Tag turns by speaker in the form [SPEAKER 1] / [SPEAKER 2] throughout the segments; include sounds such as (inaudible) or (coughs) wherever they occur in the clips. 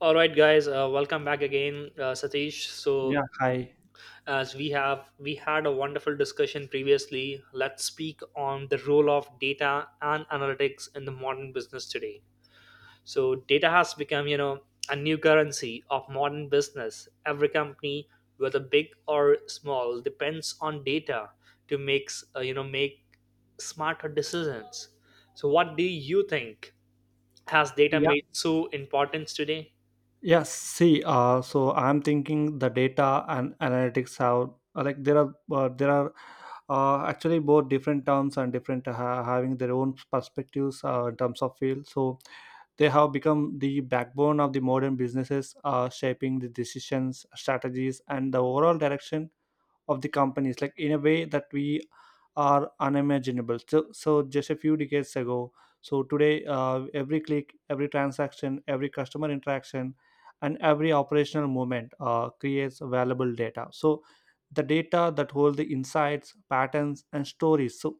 [SPEAKER 1] All right, guys, welcome back again, Satish. So,
[SPEAKER 2] Yeah, hi.
[SPEAKER 1] as we had a wonderful discussion previously, let's speak on the role of data and analytics in the modern business today. So, data has become, you know, a new currency of modern business. Every company, whether big or small, depends on data to make, you know, make smarter decisions. So, what do you think? Has data
[SPEAKER 2] Yeah,
[SPEAKER 1] made so importance today?
[SPEAKER 2] yeah. See, so I'm thinking the data and analytics have like there are actually both different terms and different having their own perspectives in terms of field. So they have become the backbone of the modern businesses, shaping the decisions, strategies, and the overall direction of the companies like in a way that we are unimaginable so just a few decades ago, so today every click, every transaction, every customer interaction and every operational movement creates valuable data, so the data that hold the insights, patterns and stories, so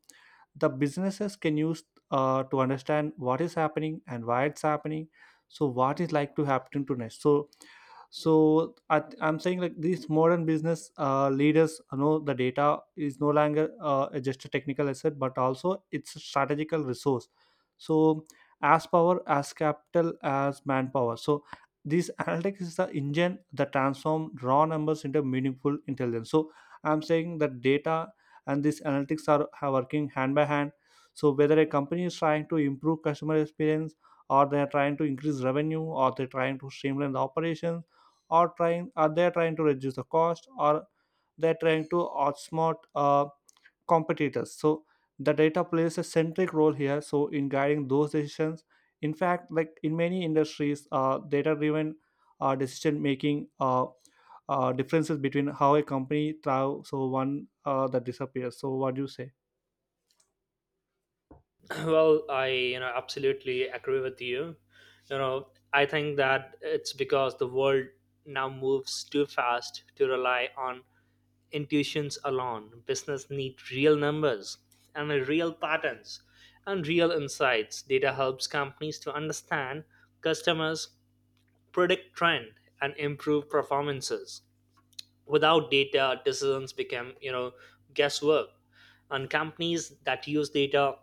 [SPEAKER 2] the businesses can use to understand what is happening and why it's happening, so what is like to happen to next. I'm saying like these modern business leaders know the data is no longer just a technical asset but also it's a strategical resource, so as power, as capital, as manpower. So this (laughs) analytics is the engine that transform raw numbers into meaningful intelligence. So I'm saying that data and this analytics are working hand by hand, so whether a company is trying to improve customer experience or they are trying to increase revenue or they're trying to streamline the operations or trying are they trying to reduce the cost or they're trying to outsmart competitors, so the data plays a centric role here, so in guiding those decisions. In fact, like in many industries, data driven decision making differences between how a company thrives so one that disappears. So what do you say?
[SPEAKER 1] (clears throat) well, I, you know, absolutely agree with you. You know, I think that it's because the world now moves too fast to rely on intuitions alone. Business need real numbers and real patterns and real insights. Data helps companies to understand customers, predict trend, and improve performances. Without data, decisions become, you know, guesswork, and companies that use data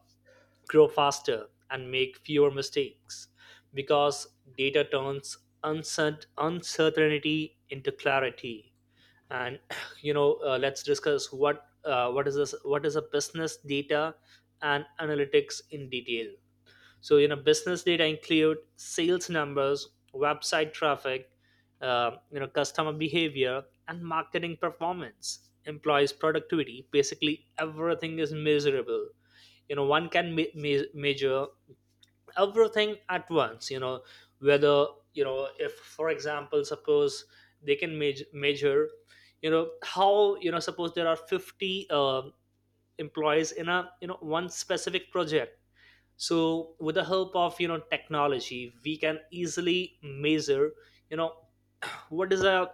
[SPEAKER 1] grow faster and make fewer mistakes because data turns uncertainty into clarity. And, (clears throat) you know, let's discuss what is this, what is a business data and analytics in detail. So, you know, business data include sales numbers, website traffic, you know, customer behavior, and marketing performance, employees productivity, basically everything is measurable. You know, one can measure everything at once, you know, whether, you know, if for example, suppose they can measure, you know, how, you know, suppose there are 50 employees in a, you know, one specific project. So with the help of, you know, technology, we can easily measure, you know, what is a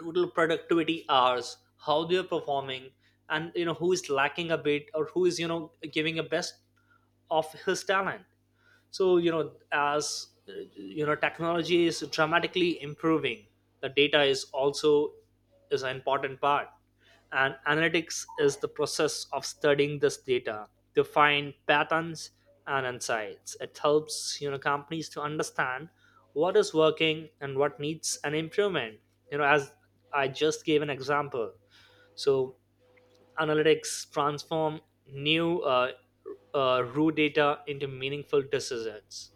[SPEAKER 1] total productivity hours, how they are performing, and, you know, who is lacking a bit or who is, you know, giving a best of his talent. So, you know, as you know, technology is dramatically improving, the data is also is an important part. And analytics is the process of studying this data to find patterns and insights. It helps, you know, companies to understand what is working and what needs an improvement, you know, as I just gave an example. So analytics transform new raw data into meaningful decisions.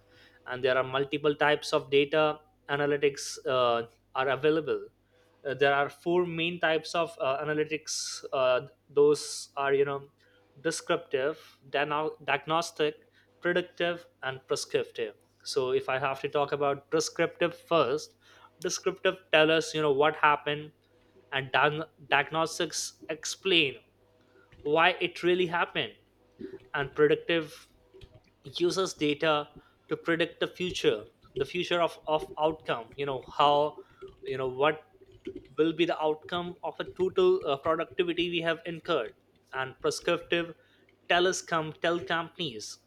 [SPEAKER 1] And there are multiple types of data analytics are available. There are four main types of analytics. Those are, you know, descriptive, diagnostic, predictive, and prescriptive. So if I have to talk about prescriptive first, descriptive tell us, you know, what happened, and diagnostics explain why it really happened, and predictive uses data to predict the future, the future of outcome. You know how, you know, what will be the outcome of a total productivity we have incurred. And prescriptive tellers come tell companies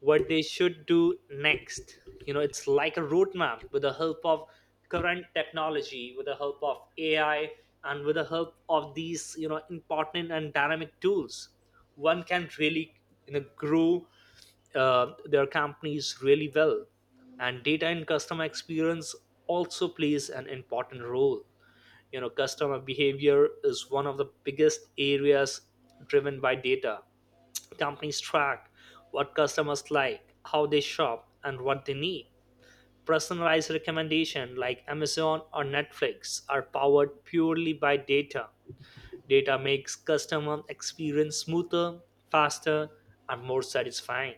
[SPEAKER 1] what they should do next. You know, it's like a roadmap with the help of current technology, with the help of AI, and with the help of these, you know, important and dynamic tools, one can really, you know, grow their companies really well. And data and customer experience also plays an important role. You know, customer behavior is one of the biggest areas driven by data. Companies track what customers like, how they shop, and what they need. Personalized recommendation like Amazon or Netflix are powered purely by data. Data makes customer experience smoother, faster, and more satisfying.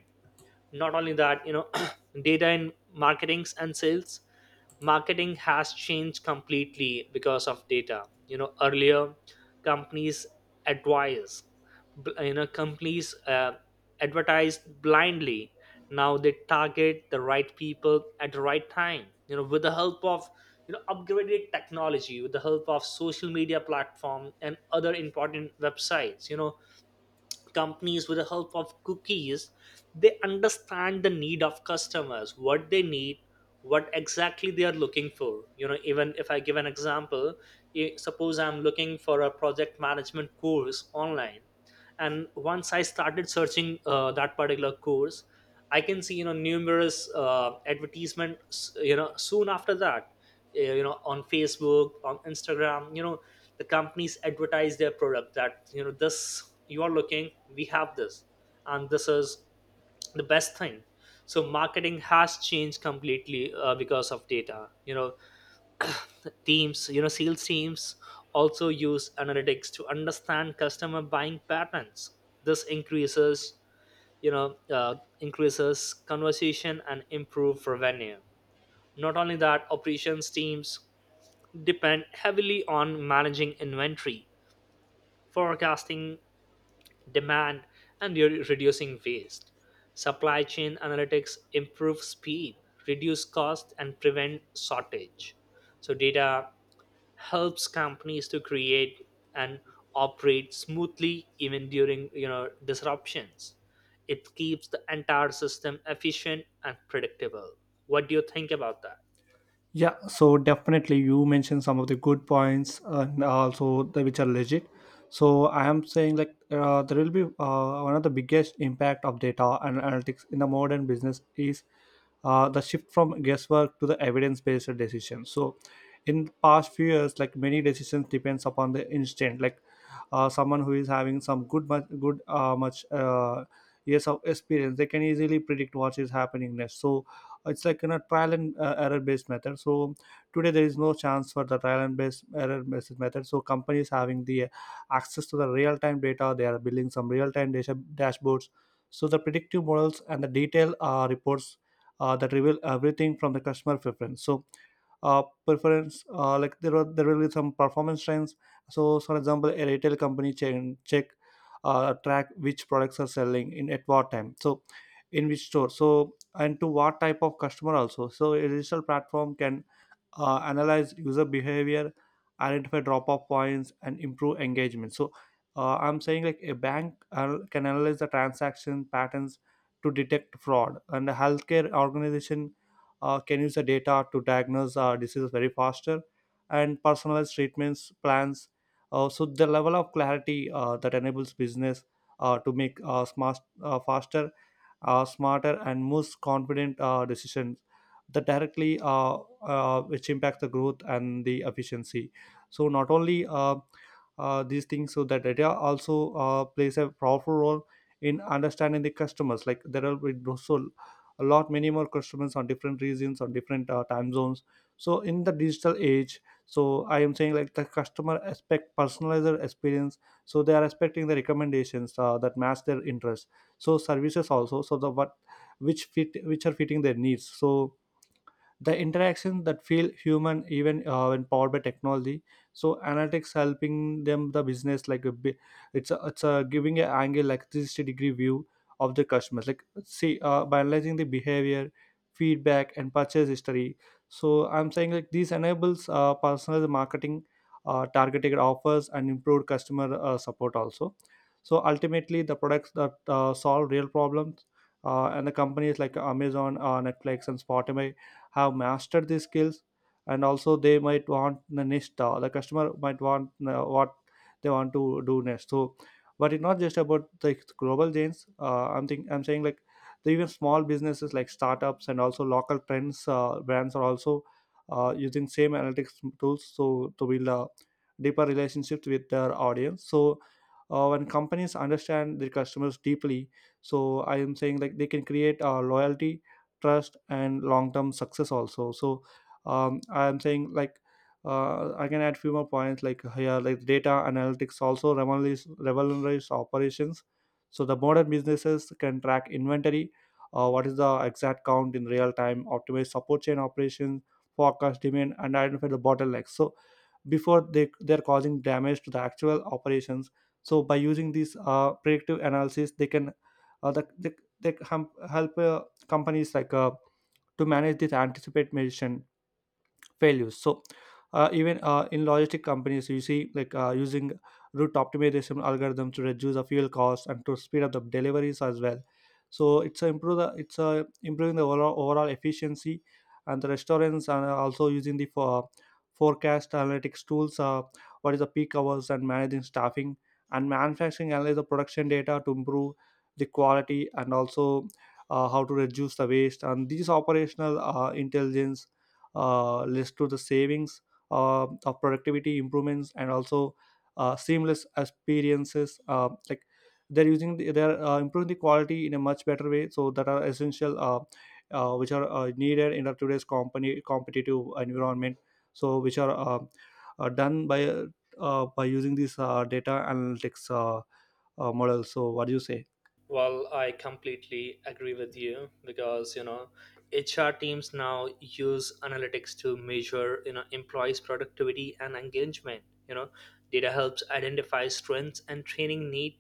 [SPEAKER 1] Not only that, you know, (clears throat) data in marketings and sales, marketing has changed completely because of data. You know, earlier companies advise you know, companies advertised blindly. Now they target the right people at the right time, you know, with the help of, you know, upgraded technology, with the help of social media platform and other important websites. You know, companies with the help of cookies, they understand the need of customers, what they need, what exactly they are looking for. You know, even if I give an example, suppose I'm looking for a project management course online, and once I started searching that particular course, I can see, you know, numerous advertisements, you know, soon after that, you know, on Facebook, on Instagram, you know, the companies advertise their product that, you know, this you are looking, we have this, and this is the best thing. So marketing has changed completely because of data, you know. (clears throat) teams, you know, sales teams also use analytics to understand customer buying patterns. This increases, you know, increases conversation and improve revenue. Not only that, operations teams depend heavily on managing inventory, forecasting demand, and reducing waste. Supply chain analytics improve speed, reduce cost, and prevent shortage. So, data helps companies to create and operate smoothly even during, you know, disruptions. It keeps the entire system efficient and predictable. What do you think about that?
[SPEAKER 2] Yeah, so definitely you mentioned some of the good points and also the which are legit. So I am saying like, there will be one of the biggest impact of data and analytics in the modern business is the shift from guesswork to the evidence-based decision. So in past few years, like many decisions depends upon the instant, like someone who is having some good much good much years of experience, they can easily predict what is happening next. So it's like in a trial and error based method, so today there is no chance for the trial and based error based method, so companies having the access to the real time data, they are building some real time data dashboards, so the predictive models and the detailed reports that reveal everything from the customer preference. So preference, like there will be some performance trends. So for example, a retail company chain check track which products are selling in at what time, so in which store, so and to what type of customer also. So a digital platform can analyze user behavior, identify drop off points and improve engagement. So I'm saying like a bank can analyze the transaction patterns to detect fraud, and a healthcare organization can use the data to diagnose diseases very faster and personalized treatments plans. So the level of clarity that enables business to make smart, faster, smarter, and most confident decisions that directly which impact the growth and the efficiency. So not only these things, so that data also plays a powerful role in understanding the customers, like there are with also a lot many more customers on different regions on different time zones. So in the digital age, so I am saying like the customer expect personalized experience, so they are expecting the recommendations that match their interests, so services also, so the what which are fitting their needs, so the interactions that feel human even when powered by technology. So analytics helping them the business like a bit, it's a giving an angle like 360-degree view of the customers, like see by analyzing the behavior, feedback and purchase history. So I'm saying like these enables personalized marketing, targeted offers and improved customer support also. So ultimately the products that solve real problems, and the companies like Amazon, Netflix and Spotify have mastered these skills, and also they might want the next the customer might want what they want to do next. So but it's not just about the global chains. I'm saying like the even small businesses like startups and also local trends brands are also using same analytics tools so to build deeper relationships with their audience. So when companies understand their customers deeply, so I am saying like they can create loyalty, trust and long-term success also. So I'm saying like I can add few more points like here, like data analytics also revolutionize operations, so the modern businesses can track inventory, what is the exact count in real time, optimize support chain operations, forecast demand and identify the bottlenecks, so before they're causing damage to the actual operations. So by using these predictive analysis they can uh, the, they, they can help companies like to manage this, anticipate medicine failures. So even in logistic companies you see like using route optimization algorithm to reduce the fuel cost and to speed up the deliveries as well. So it's a improve the it's a improving the overall efficiency, and the restaurants are also using the for forecast analytics tools, what is the peak hours and managing staffing, and manufacturing analyze the production data to improve the quality, and also how to reduce the waste, and these operational intelligence leads to the savings of productivity improvements and also seamless experiences, like they're using the, they're improving the quality in a much better way, so that are essential, which are needed in our today's company competitive environment, so which are done by using these data analytics models. So what do you say?
[SPEAKER 1] Well, I completely agree with you because, you know, HR teams now use analytics to measure, you know, employees' productivity and engagement. You know, data helps identify strengths and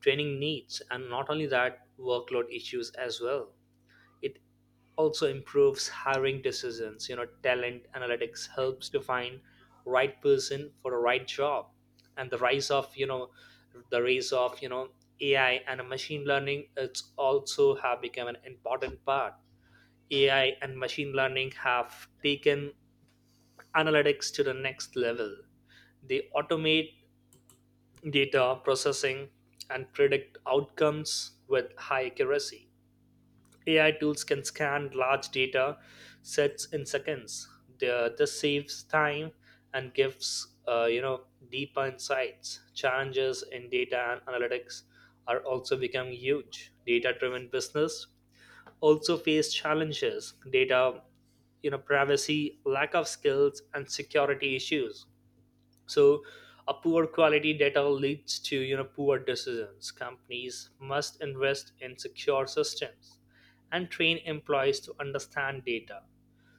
[SPEAKER 1] training needs, and not only that, workload issues as well. It also improves hiring decisions. You know, talent analytics helps to find right person for the right job. And the rise of, you know, AI and machine learning, it's also have become an important part. AI and machine learning have taken analytics to the next level. They automate data processing and predict outcomes with high accuracy. AI tools can scan large data sets in seconds. This saves time and gives you know, deeper insights. Challenges in data and analytics are also becoming huge. Data-driven business also face challenges. Data, you know, privacy, lack of skills, and security issues. So, a poor quality data leads to, you know, poor decisions. Companies must invest in secure systems and train employees to understand data.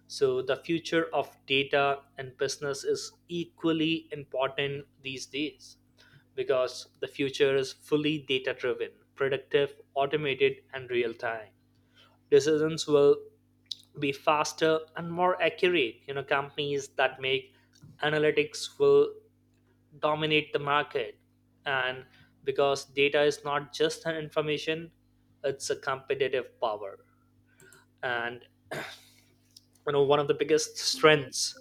[SPEAKER 1] So, the future of data and business is equally important these days because the future is fully data driven, predictive, automated, and real time. Decisions will be faster and more accurate. You know, companies that make analytics will dominate the market, and because data is not just an information, it's a competitive power. And, you know, one of the biggest strengths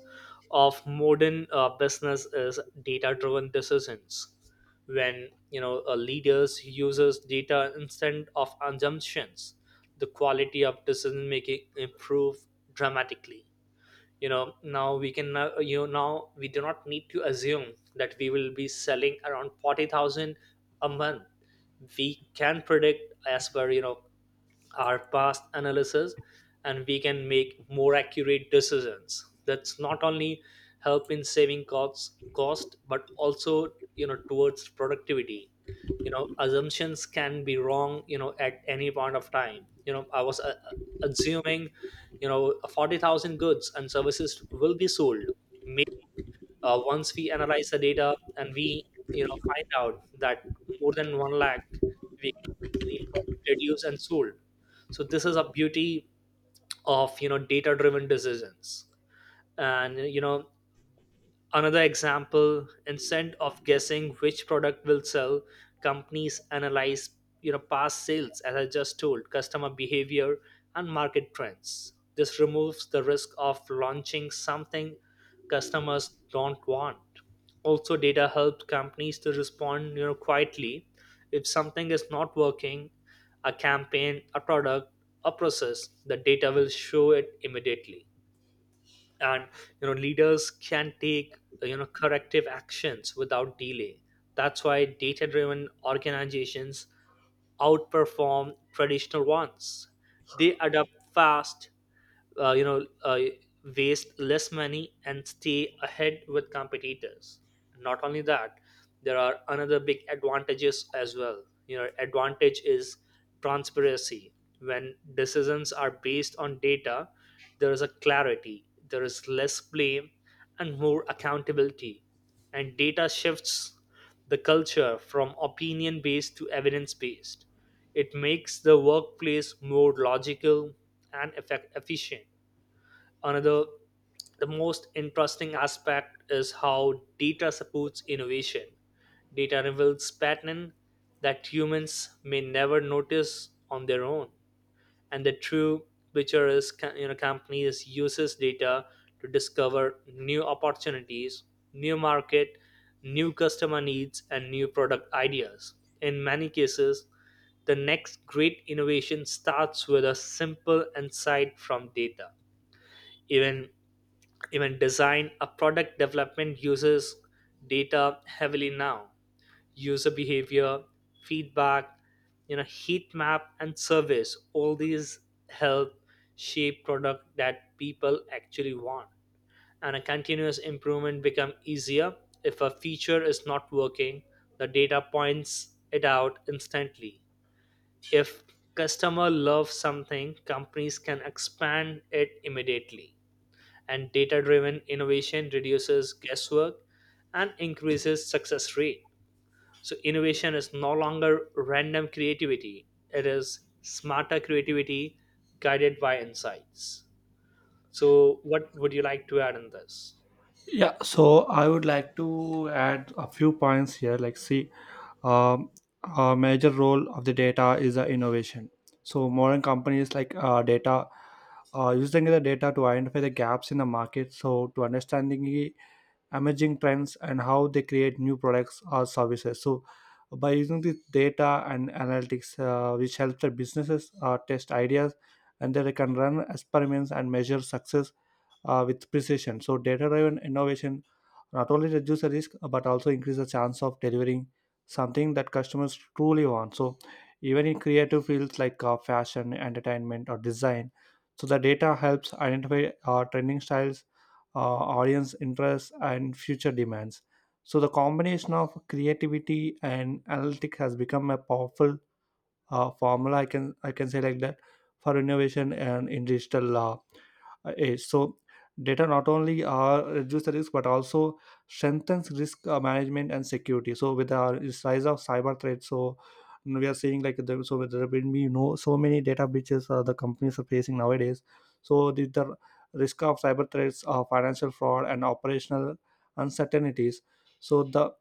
[SPEAKER 1] of modern business is data driven decisions. When, you know, leaders uses data instead of assumptions, the quality of decision making improve dramatically. You know, now we can now you know now we do not need to assume that we will be selling around 40,000 a month. We can predict as per, you know, our past analysis, and we can make more accurate decisions. That's not only help in saving cost but also, you know, towards productivity. You know, assumptions can be wrong. You know, at any point of time, you know, I was assuming, you know, 40,000 goods and services will be sold. May- Once we analyze the data and we, you know, find out that more than 1 lakh we can easily produce and sold. So this is a beauty of, you know, data driven decisions. And, you know, another example, instead of guessing which product will sell, companies analyze, you know, past sales, as I just told, customer behavior, and market trends. This removes the risk of launching something customers don't want. Also, data helps companies to respond, you know, quietly if something is not working, a campaign, a product, a process, the data will show it immediately. And, you know, leaders can take, you know, corrective actions without delay. That's why data driven organizations outperform traditional ones. They adapt fast, uh, you know uh, waste less money and stay ahead with competitors. Not only that, there are another big advantages as well. You know, advantage is transparency. When decisions are based on data, there is a clarity, there is less blame and more accountability. And data shifts the culture from opinion based to evidence based. It makes the workplace more logical and efficient. Another, the most interesting aspect is how data supports innovation. Data reveals patterns that humans may never notice on their own. And the true picture is, you know, companies uses data to discover new opportunities, new market, new customer needs, and new product ideas. In many cases, the next great innovation starts with a simple insight from data. Even even design a product development uses data heavily now. User behavior, feedback, you know, heat map and service, all these help shape product that people actually want. And a continuous improvement become easier. If a feature is not working, the data points it out instantly. If customer loves something, companies can expand it immediately. And data driven innovation reduces guesswork and increases success rate. So innovation is no longer random creativity, it is smarter creativity guided by insights. So what would you like to add in this?
[SPEAKER 2] Yeah, so I would like to add a few points here, like see. Um, a major role of the data is innovation. So modern companies like data using the data to identify the gaps in the market. So to understanding emerging trends and how they create new products or services. So by using this data and analytics, which helps the businesses test ideas and they can run experiments and measure success with precision. So data driven innovation not only reduce the risk but also increase the chance of delivering something that customers truly want. So even in creative fields like fashion, entertainment or design, so the data helps identify trending styles, audience interests and future demands. So the combination of creativity and analytics has become a powerful formula, I can say like that, for innovation and in digital law age. So data not only reduce the risk but also strengthens risk management and security. So with the rise of cyber threats, so we are seeing like the, so there will be you know so many data breaches the companies are facing nowadays. So the risk of cyber threats, financial fraud and operational uncertainties, so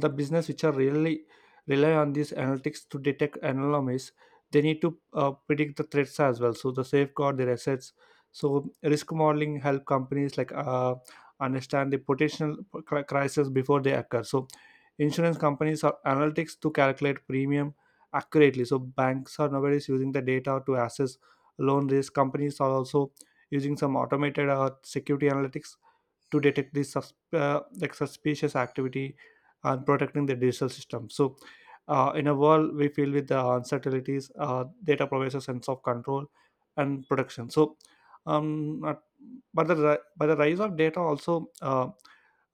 [SPEAKER 2] the business which are really rely on these analytics to detect anomalies, they need to predict the threats as well, so the safeguard their assets. So risk modeling help companies like understand the potential crisis before they occur. So insurance companies are analytics to calculate premium accurately. So banks are nowadays using the data to assess loan risk. Companies are also using some automated security analytics to detect this like suspicious activity and protecting the digital system. So, in a world we filled with the uncertainties, data provides a sense of control and protection. So, but but the rise of data also uh,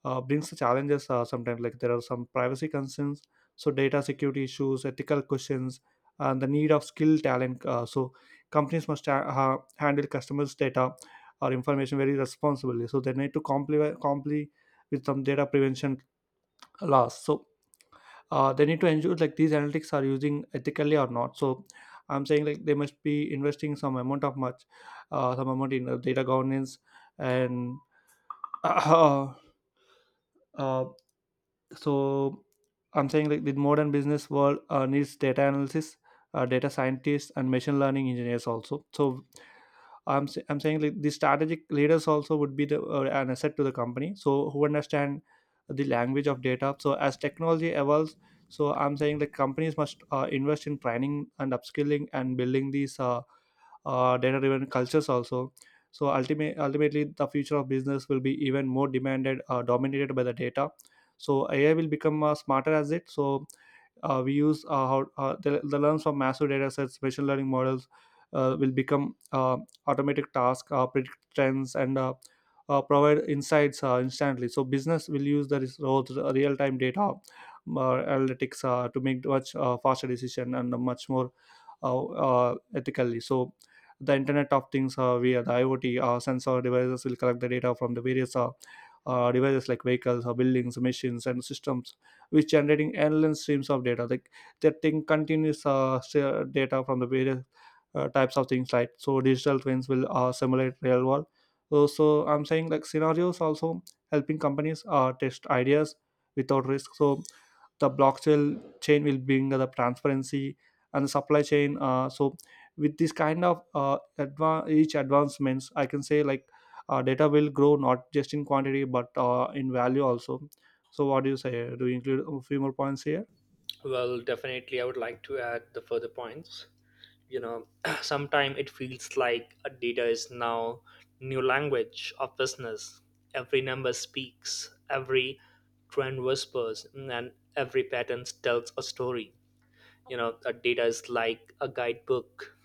[SPEAKER 2] uh, brings challenges sometimes, like there are some privacy concerns, so data security issues, ethical questions and the need of skilled talent. So companies must handle customers data or information very responsibly, so they need to comply with some data prevention laws. So they need to ensure like these analytics are using ethically or not. So I'm saying like they must be investing some amount of much some amount in data governance and (coughs) (clears throat) uh, so I'm saying like the modern business world needs data analysis, data scientists and machine learning engineers also. So I'm saying like the strategic leaders also would be the an asset to the company, so who understand the language of data. So as technology evolves, so I'm saying the companies must invest in training and upskilling and building these data driven cultures also. So ultimately the future of business will be even more demanded dominated by the data. So AI will become smarter as it, so we use how the learns from massive data sets. Machine learning models will become automatic tasks, predict trends, and provide insights instantly. So business will use the those real-time data analytics to make much faster decision and much more ethically. So the Internet of Things, via the IoT sensor devices will collect the data from the various devices like vehicles, or buildings, machines, and systems, which generating endless streams of data. Like that thing continuous share data from the various types of things like, so digital twins will simulate real world, so I'm saying like scenarios also, helping companies test ideas without risk. So the blockchain chain will bring the transparency and the supply chain. So with this kind of each advancements, I can say like data will grow not just in quantity but in value also. So what do you say? Do you include a few more points here?
[SPEAKER 1] Well, definitely, I would like to add the further points. You know, (clears throat) sometimes it feels like a data is now new language of business. Every number speaks, every trend whispers, and every pattern tells a story. You know, a data is like a guidebook,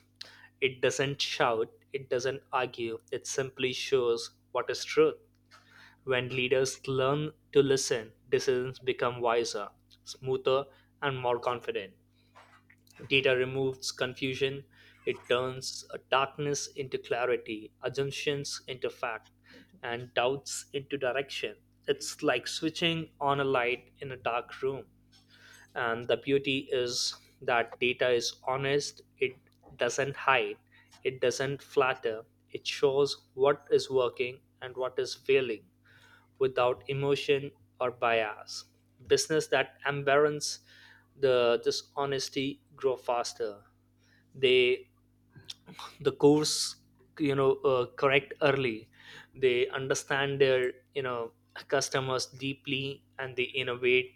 [SPEAKER 1] it doesn't shout, it doesn't argue, it simply shows what is truth. When leaders learn to listen, decisions become wiser, smoother, and more confident. Data removes confusion, it turns darkness into clarity, assumptions into fact, and doubts into direction. It's like switching on a light in a dark room. And the beauty is that data is honest, it doesn't hide, it doesn't flatter, it shows what is working and what is failing without emotion or bias. Business that embarrass the dishonesty grow faster, they the course, correct early. They understand their, customers deeply, and they innovate,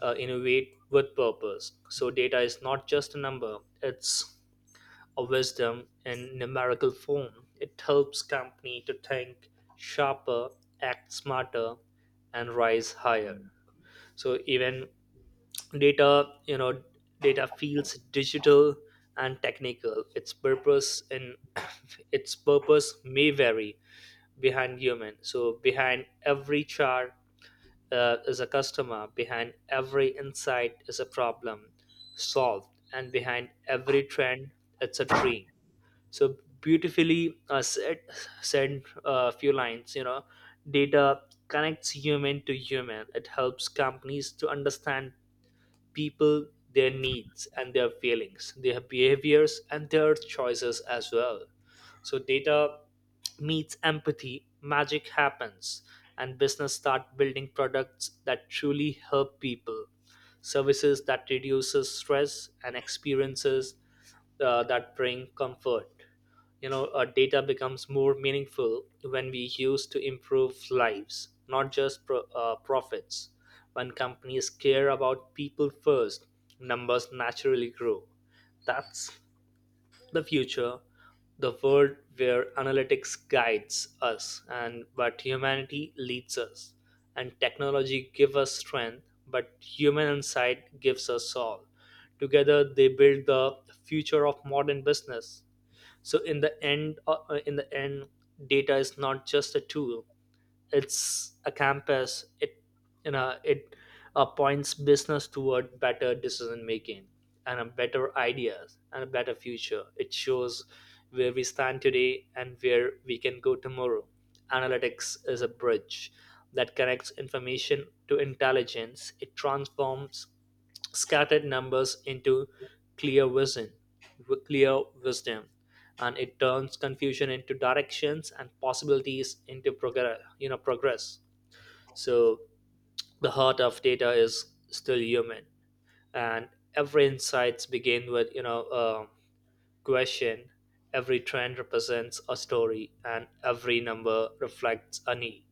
[SPEAKER 1] innovate with purpose. So data is not just a number, it's a wisdom in numerical form. It helps company to think sharper, act smarter, and rise higher. So even data, data feels digital and technical, its purpose and (coughs) (clears throat) its purpose may vary behind human. So behind every chart is a customer, behind every insight is a problem solved, and behind every trend it's a dream. So beautifully said, said a few lines. You know, data connects human to human, it helps companies to understand people, their needs and their feelings, their behaviors and their choices as well. So data meets empathy, magic happens, and business start building products that truly help people, services that reduces stress, and experiences that bring comfort. You know, our data becomes more meaningful when we use to improve lives, not just profits. When companies care about people first, numbers naturally grow. That's the future, the world where analytics guides us and but humanity leads us, and technology gives us strength, but human insight gives us all. Together, they build the future of modern business. So in the end, in the end, data is not just a tool; it's a campus. It you know it uh, points business toward better decision making, and a better ideas, and a better future. It shows where we stand today and where we can go tomorrow. Analytics is a bridge that connects information to intelligence, it transforms scattered numbers into clear vision, clear wisdom, and it turns confusion into directions and possibilities into progress. You know, progress. So the heart of data is still human, and every insights begin with a question. Every trend represents a story, and every number reflects a need.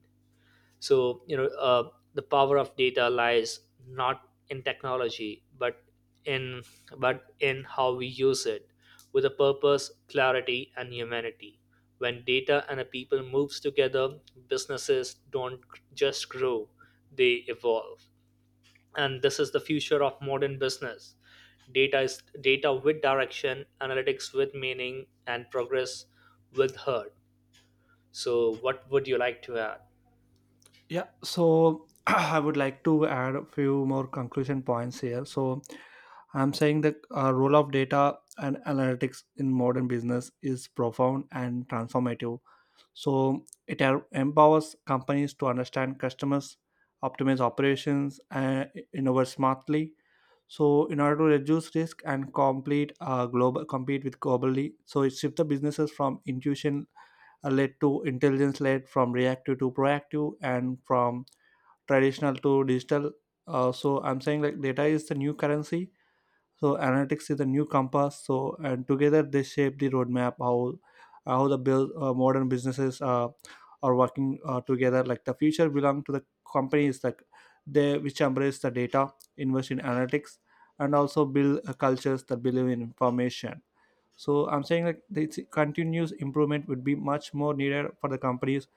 [SPEAKER 1] So, the power of data lies not in technology but in, but in how we use it with a purpose, clarity, and humanity. When data and a people moves together, businesses don't just grow, they evolve, and this is the future of modern business. Data is data with direction, analytics with meaning, and progress with heart. So what would you like to add?
[SPEAKER 2] Yeah, so (clears throat) I would like to add a few more conclusion points here. So I'm saying the role of data and analytics in modern business is profound and transformative. So it empowers companies to understand customers, optimize operations, and innovate smartly. So in order to reduce risk and complete global, compete with globally, so it shifts the businesses from intuition led to intelligence led, from reactive to proactive, and from traditional to digital. So I'm saying like data is the new currency, so analytics is the new compass. So and together they shape the roadmap how the build modern businesses are working together, like the future belong to the companies like they which embrace the data, invest in analytics and also build cultures that believe in information. So I'm saying like this continuous improvement would be much more needed for the companies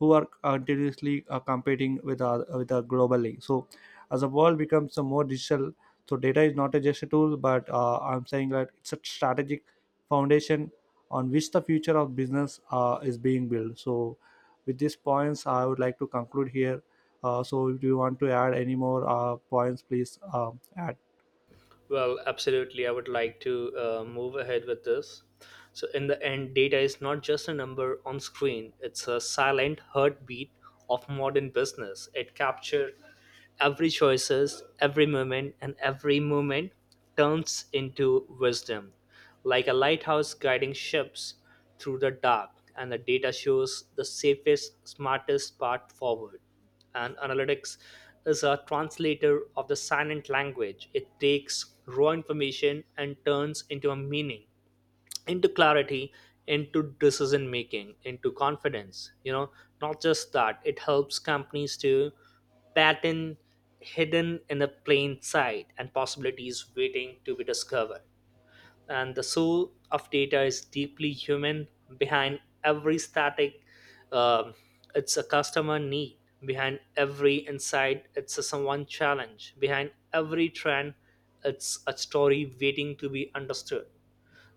[SPEAKER 2] who are continuously competing with our globally. So as the world becomes more digital, so data is not a just a tool but I'm saying that it's a strategic foundation on which the future of business is being built. So with these points I would like to conclude here. So if you want to add any more points, please add.
[SPEAKER 1] Well, absolutely. I would like to move ahead with this. So, in the end, data is not just a number on screen, it's a silent heartbeat of modern business. It captures every choices, every moment, and every moment turns into wisdom, like a lighthouse guiding ships through the dark. And the data shows the safest, smartest path forward, and analytics is a translator of the silent language. It takes raw information and turns into a meaning, into clarity, into decision making, into confidence. You know, not just that, it helps companies to pattern hidden in a plain sight and possibilities waiting to be discovered. And the soul of data is deeply human. Behind every static, um, it's a customer need, behind every insight it's a someone challenge, behind every trend it's a story waiting to be understood.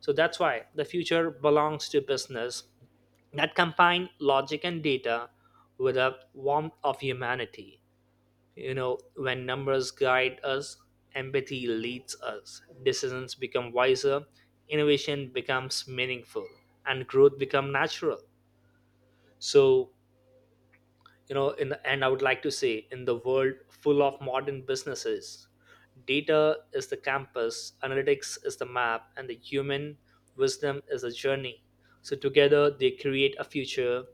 [SPEAKER 1] So that's why the future belongs to business that combine logic and data with a warmth of humanity. You know, when numbers guide us, empathy leads us. Decisions become wiser, innovation becomes meaningful, and growth become natural. So, you know, in the end, I would like to say, in the world full of modern businesses, data is the campus, analytics is the map, and the human wisdom is the journey. So, together, they create a future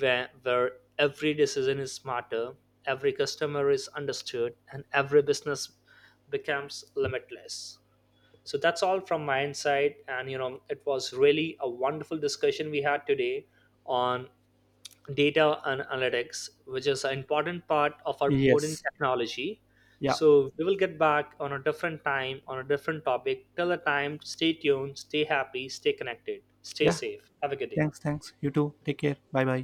[SPEAKER 1] where every decision is smarter, every customer is understood, and every business becomes limitless. So, that's all from my side. And, you know, it was really a wonderful discussion we had today on data and analytics, which is an important part of our modern
[SPEAKER 2] Yes.
[SPEAKER 1] technology.
[SPEAKER 2] Yeah,
[SPEAKER 1] So we will get back on a different time on a different topic. Till the time, stay tuned, stay happy, stay connected, stay
[SPEAKER 2] yeah.
[SPEAKER 1] safe. Have a good day.
[SPEAKER 2] Thanks, thanks. You too. Take care. Bye bye.